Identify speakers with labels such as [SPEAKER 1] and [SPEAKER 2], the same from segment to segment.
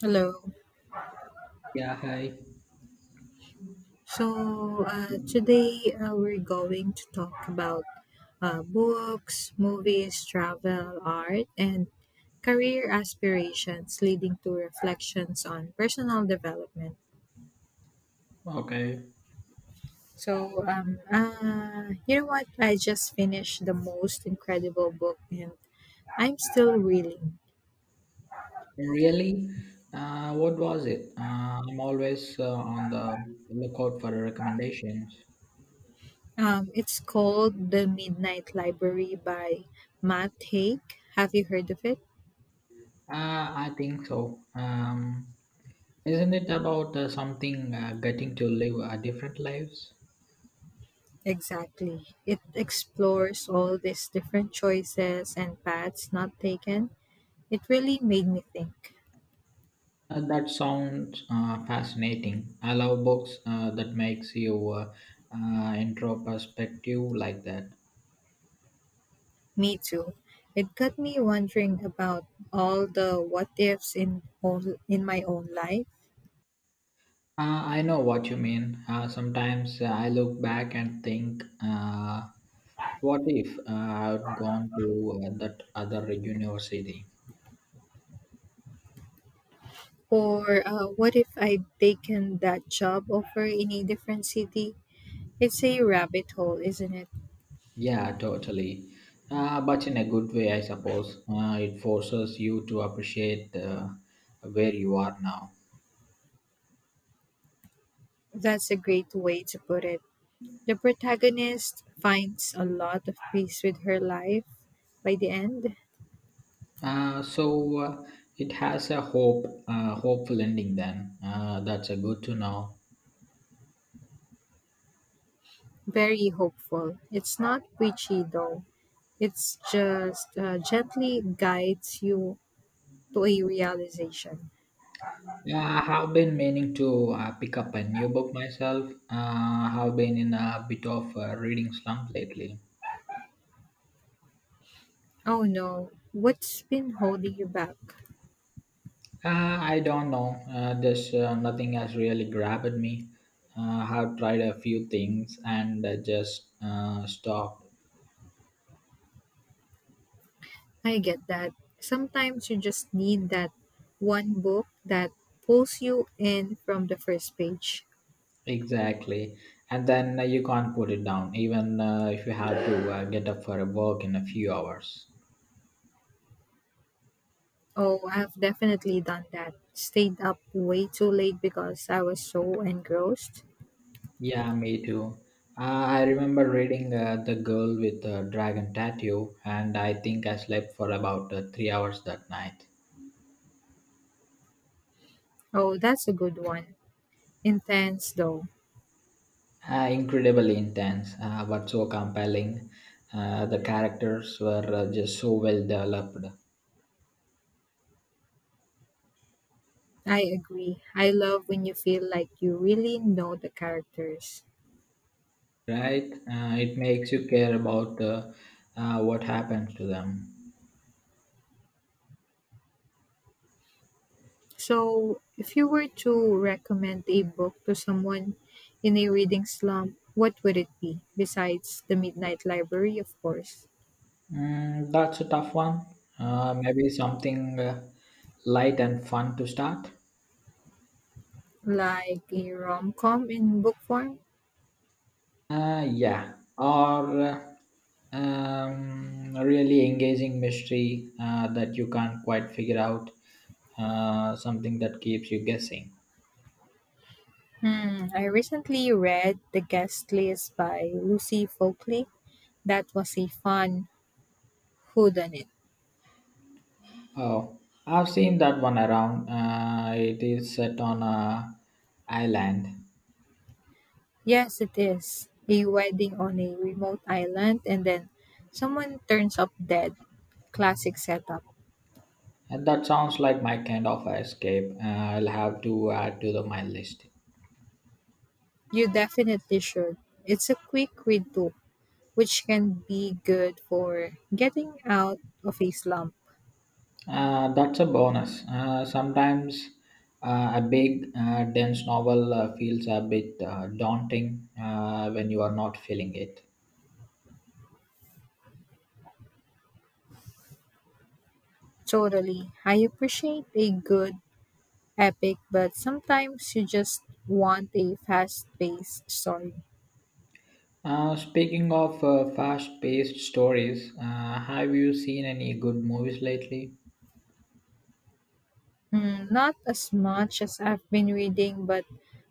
[SPEAKER 1] Hello.
[SPEAKER 2] Yeah, hi.
[SPEAKER 1] So today we're going to talk about books, movies, travel, art, and career aspirations, leading to reflections on personal development.
[SPEAKER 2] Okay.
[SPEAKER 1] You know what? I just finished the most incredible book, and I'm still reeling.
[SPEAKER 2] Really? What was it? I'm always on the lookout for recommendations.
[SPEAKER 1] It's called The Midnight Library by Matt Haig. Have you heard of it?
[SPEAKER 2] I think so. Isn't it about something getting to live different lives?
[SPEAKER 1] Exactly. It explores all these different choices and paths not taken. It really made me think.
[SPEAKER 2] That sounds fascinating. I love books that makes you intro perspective like that.
[SPEAKER 1] Me too. It got me wondering about all the what ifs in my own life.
[SPEAKER 2] I know what you mean. Sometimes I look back and think, what if I had gone to that other university?
[SPEAKER 1] Or what if I'd taken that job offer in a different city? It's a rabbit hole, isn't it?
[SPEAKER 2] Yeah, totally. But in a good way, I suppose. It forces you to appreciate where you are now.
[SPEAKER 1] That's a great way to put it. The protagonist finds a lot of peace with her life by the end.
[SPEAKER 2] So it has a hopeful ending. Then that's a good to know.
[SPEAKER 1] Very hopeful. It's not preachy though, it's just gently guides you to a realization.
[SPEAKER 2] Yeah, I have been meaning to pick up a new book myself. I have been in a bit of a reading slump lately.
[SPEAKER 1] Oh no, what's been holding you back?
[SPEAKER 2] I don't know. There's nothing has really grabbed me. I have tried a few things and just stopped.
[SPEAKER 1] I get that. Sometimes you just need that one book that pulls you in from the first page.
[SPEAKER 2] Exactly. And then you can't put it down, even if you have to get up for a walk in a few hours.
[SPEAKER 1] Oh, I've definitely done that. Stayed up way too late because I was so engrossed.
[SPEAKER 2] Yeah, me too. I remember reading The Girl with the Dragon Tattoo, and I think I slept for about 3 hours that night.
[SPEAKER 1] Oh, that's a good one. Intense though.
[SPEAKER 2] Incredibly intense, but so compelling. The characters were just so well developed,
[SPEAKER 1] I agree. I love when you feel like you really know the characters.
[SPEAKER 2] right? It makes you care about what happens to them.
[SPEAKER 1] So, if you were to recommend a book to someone in a reading slump, what would it be besides The Midnight Library, of course?
[SPEAKER 2] Mm, that's a tough one. Maybe something light and fun to start.
[SPEAKER 1] Like a rom com in book form?
[SPEAKER 2] Yeah, or really engaging mystery that you can't quite figure out, something that keeps you guessing.
[SPEAKER 1] Hmm, I recently read The Guest List by Lucy Folkley. That was a fun whodunit.
[SPEAKER 2] Oh, I've seen that one around. It is set on a island,
[SPEAKER 1] Yes, it is. A wedding on a remote island, and then someone turns up dead, classic setup.
[SPEAKER 2] and that sounds like my kind of escape. I'll have to add to the my list.
[SPEAKER 1] You definitely should. It's a quick read too, which can be good for getting out of a slump.
[SPEAKER 2] That's a bonus. Sometimes a big, dense novel feels a bit daunting when you are not feeling it.
[SPEAKER 1] Totally. I appreciate a good epic, but sometimes you just want a fast paced story.
[SPEAKER 2] Speaking of fast paced stories, have you seen any good movies lately?
[SPEAKER 1] Mm, not as much as I've been reading, but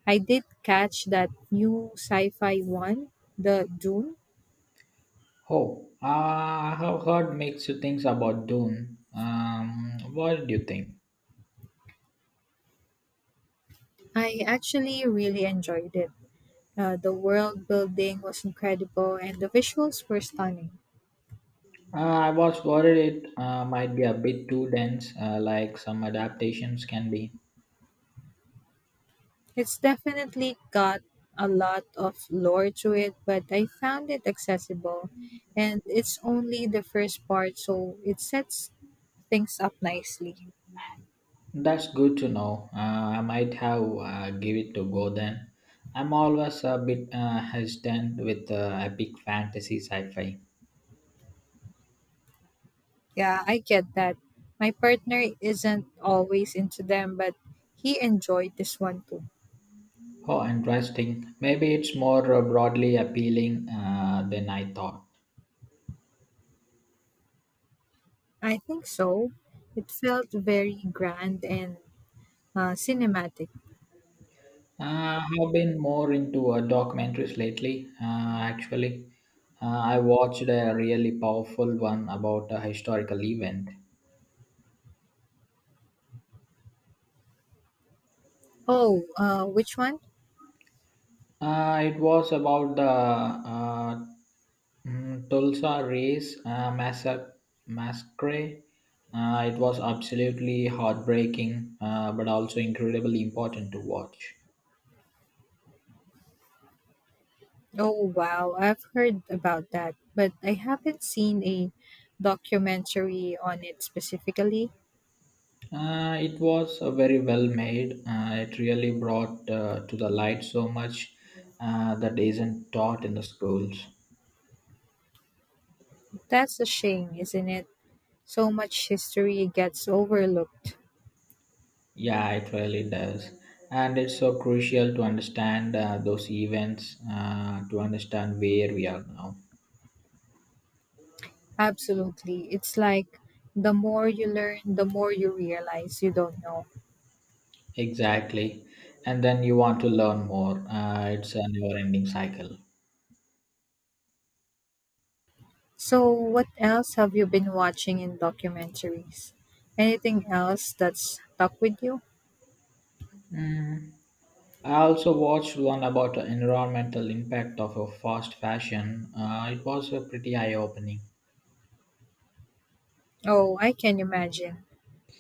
[SPEAKER 1] I did catch that new sci fi one, The Dune.
[SPEAKER 2] Oh, I have heard mixed things about Dune. What do you think?
[SPEAKER 1] I actually really enjoyed it. The world building was incredible and the visuals were stunning.
[SPEAKER 2] I was worried it might be a bit too dense, like some adaptations can be.
[SPEAKER 1] It's definitely got a lot of lore to it, but I found it accessible, and it's only the first part, so it sets things up nicely.
[SPEAKER 2] That's good to know. I might have give it to go then. I'm always a bit hesitant with epic fantasy sci-fi.
[SPEAKER 1] Yeah, I get that. My partner isn't always into them, but he enjoyed this one too.
[SPEAKER 2] Oh, interesting. Maybe it's more broadly appealing than I thought.
[SPEAKER 1] I think so. It felt very grand and cinematic.
[SPEAKER 2] I've been more into documentaries lately. Actually, I watched a really powerful one about a historical event.
[SPEAKER 1] Oh, which one?
[SPEAKER 2] It was about the Tulsa race massacre. It was absolutely heartbreaking, but also incredibly important to watch.
[SPEAKER 1] Oh, wow. I've heard about that, but I haven't seen a documentary on it specifically.
[SPEAKER 2] It was very well made. It really brought to the light so much that isn't taught in the schools.
[SPEAKER 1] That's a shame, isn't it? So much history gets overlooked.
[SPEAKER 2] Yeah, it really does. And it's so crucial to understand those events, to understand where we are now.
[SPEAKER 1] Absolutely. It's like the more you learn, the more you realize you don't know.
[SPEAKER 2] Exactly. And then you want to learn more. It's a never ending cycle.
[SPEAKER 1] So, what else have you been watching in documentaries? Anything else that's stuck with you?
[SPEAKER 2] Mm. I also watched one about the environmental impact of a fast fashion. It was a pretty eye opening.
[SPEAKER 1] Oh, I can imagine.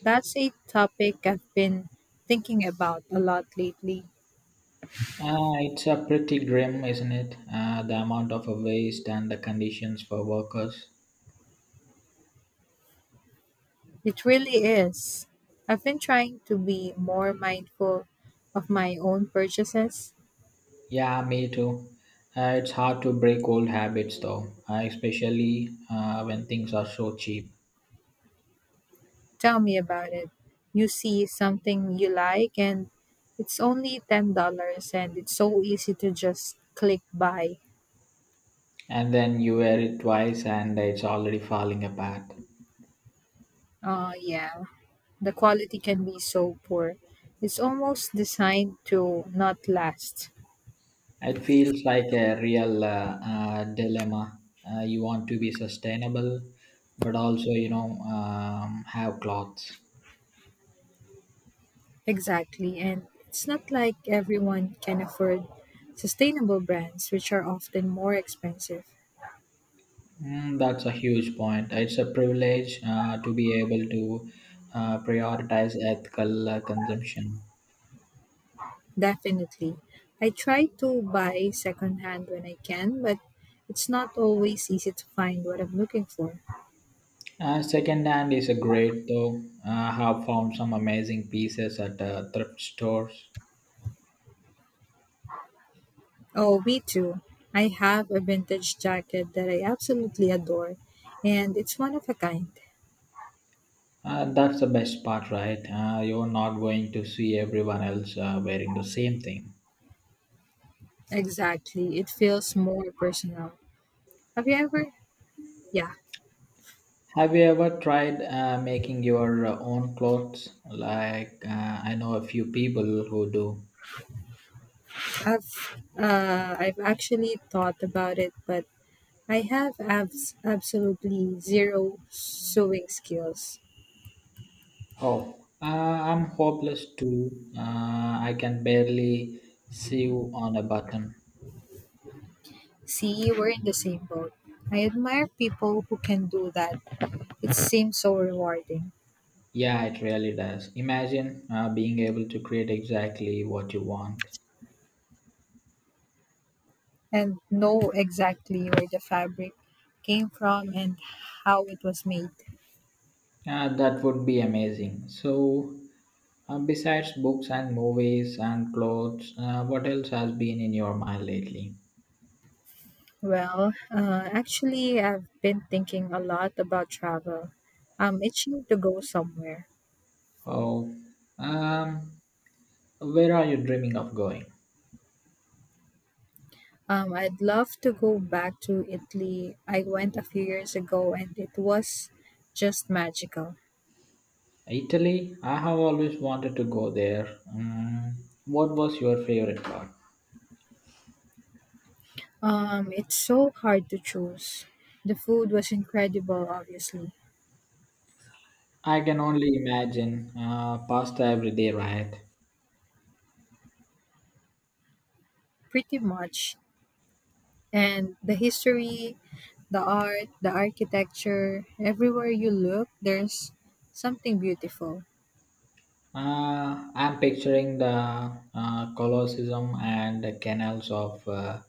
[SPEAKER 1] That's a topic I've been thinking about a lot lately.
[SPEAKER 2] It's a pretty grim, isn't it? The amount of waste and the conditions for workers.
[SPEAKER 1] It really is. I've been trying to be more mindful of my own purchases.
[SPEAKER 2] Yeah, me too. It's hard to break old habits though, especially when things are so cheap.
[SPEAKER 1] Tell me about it. You see something you like, and it's only $10, and it's so easy to just click buy.
[SPEAKER 2] And then you wear it twice and it's already falling apart.
[SPEAKER 1] Yeah, the quality can be so poor. It's almost designed to not last.
[SPEAKER 2] It feels like a real dilemma. You want to be sustainable, but also, have clothes.
[SPEAKER 1] Exactly, and it's not like everyone can afford sustainable brands, which are often more expensive.
[SPEAKER 2] Mm, that's a huge point. It's a privilege to be able to prioritize ethical consumption.
[SPEAKER 1] Definitely. I try to buy secondhand when I can, but it's not always easy to find what I'm looking for.
[SPEAKER 2] Second hand is a great though. I have found some amazing pieces at thrift stores.
[SPEAKER 1] Oh, me too. I have a vintage jacket that I absolutely adore, and it's one of a kind.
[SPEAKER 2] That's the best part, right? You're not going to see everyone else wearing the same thing.
[SPEAKER 1] Exactly. It feels more personal. Have you ever? Yeah,
[SPEAKER 2] Have you ever tried making your own clothes? Like, I know a few people who do.
[SPEAKER 1] I've actually thought about it, but I have absolutely zero sewing skills.
[SPEAKER 2] Oh, I'm hopeless too. I can barely sew on a button.
[SPEAKER 1] See, we're in the same boat. I admire people who can do that. It seems so rewarding,
[SPEAKER 2] Yeah, it really does. Imagine being able to create exactly what you want.
[SPEAKER 1] and know exactly where the fabric came from and how it was made.
[SPEAKER 2] That would be amazing. So, besides books and movies and clothes, what else has been in your mind lately?
[SPEAKER 1] Well, actually, I've been thinking a lot about travel. I'm itching to go somewhere.
[SPEAKER 2] Oh, um, where are you dreaming of going?
[SPEAKER 1] I'd love to go back to Italy. I went a few years ago and it was just magical.
[SPEAKER 2] Italy? I have always wanted to go there. Mm, what was your favorite part?
[SPEAKER 1] It's so hard to choose. The food was incredible, obviously,
[SPEAKER 2] I can only imagine pasta every day, right?
[SPEAKER 1] pretty much. And the history, the art, the architecture, everywhere you look, there's something beautiful.
[SPEAKER 2] I'm picturing the Colosseum and the canals of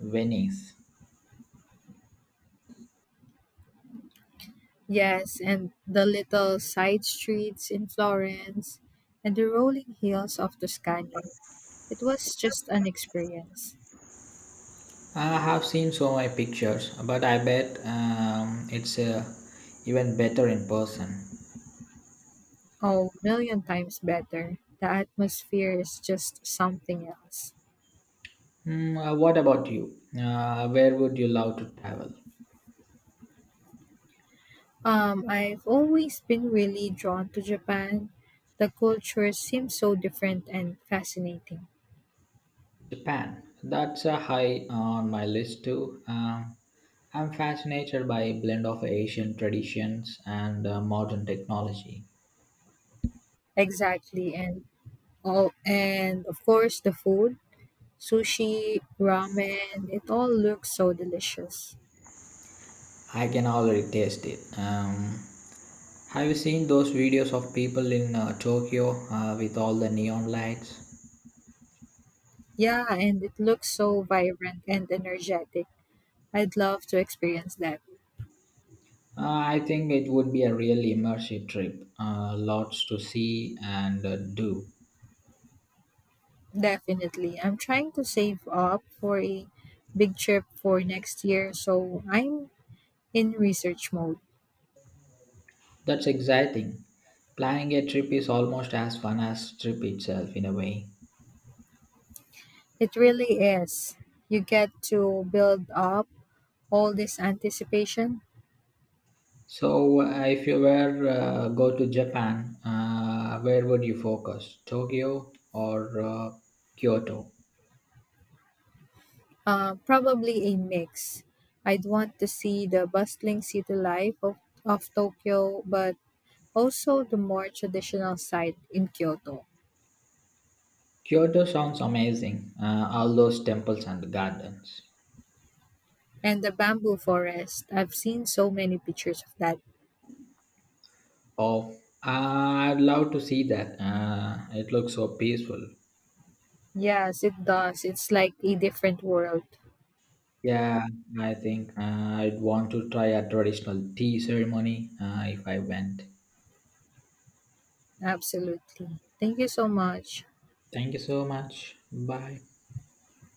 [SPEAKER 2] Venice.
[SPEAKER 1] Yes, and the little side streets in Florence and the rolling hills of Tuscany. It was just an experience.
[SPEAKER 2] I have seen so many pictures, but I bet it's even better in person.
[SPEAKER 1] Oh, million times better. The atmosphere is just something else.
[SPEAKER 2] Mm, what about you? Where would you love to travel?
[SPEAKER 1] I've always been really drawn to Japan. The culture seems so different and fascinating.
[SPEAKER 2] Japan. That's a high on my list too. I'm fascinated by a blend of Asian traditions and modern technology.
[SPEAKER 1] Exactly, and all and of course the food, sushi, ramen, it all looks so delicious.
[SPEAKER 2] I can already taste it. Have you seen those videos of people in Tokyo with all the neon lights?
[SPEAKER 1] Yeah, and it looks so vibrant and energetic. I'd love to experience that.
[SPEAKER 2] I think it would be a really immersive trip. Lots to see and do.
[SPEAKER 1] Definitely. I'm trying to save up for a big trip for next year, so I'm in research mode.
[SPEAKER 2] That's exciting. Planning a trip is almost as fun as trip itself in a way.
[SPEAKER 1] It really is. You get to build up all this anticipation.
[SPEAKER 2] So, if you were go to Japan, where would you focus? Tokyo or Kyoto?
[SPEAKER 1] Probably a mix. I'd want to see the bustling city life of Tokyo, but also the more traditional side in Kyoto.
[SPEAKER 2] Kyoto sounds amazing. All those temples and gardens.
[SPEAKER 1] And the bamboo forest. I've seen so many pictures of that.
[SPEAKER 2] Oh, I'd love to see that. It looks so peaceful.
[SPEAKER 1] Yes, it does. It's like a different world.
[SPEAKER 2] Yeah, I think I'd want to try a traditional tea ceremony if I went.
[SPEAKER 1] Absolutely. Thank you so much.
[SPEAKER 2] Thank you so much. Bye.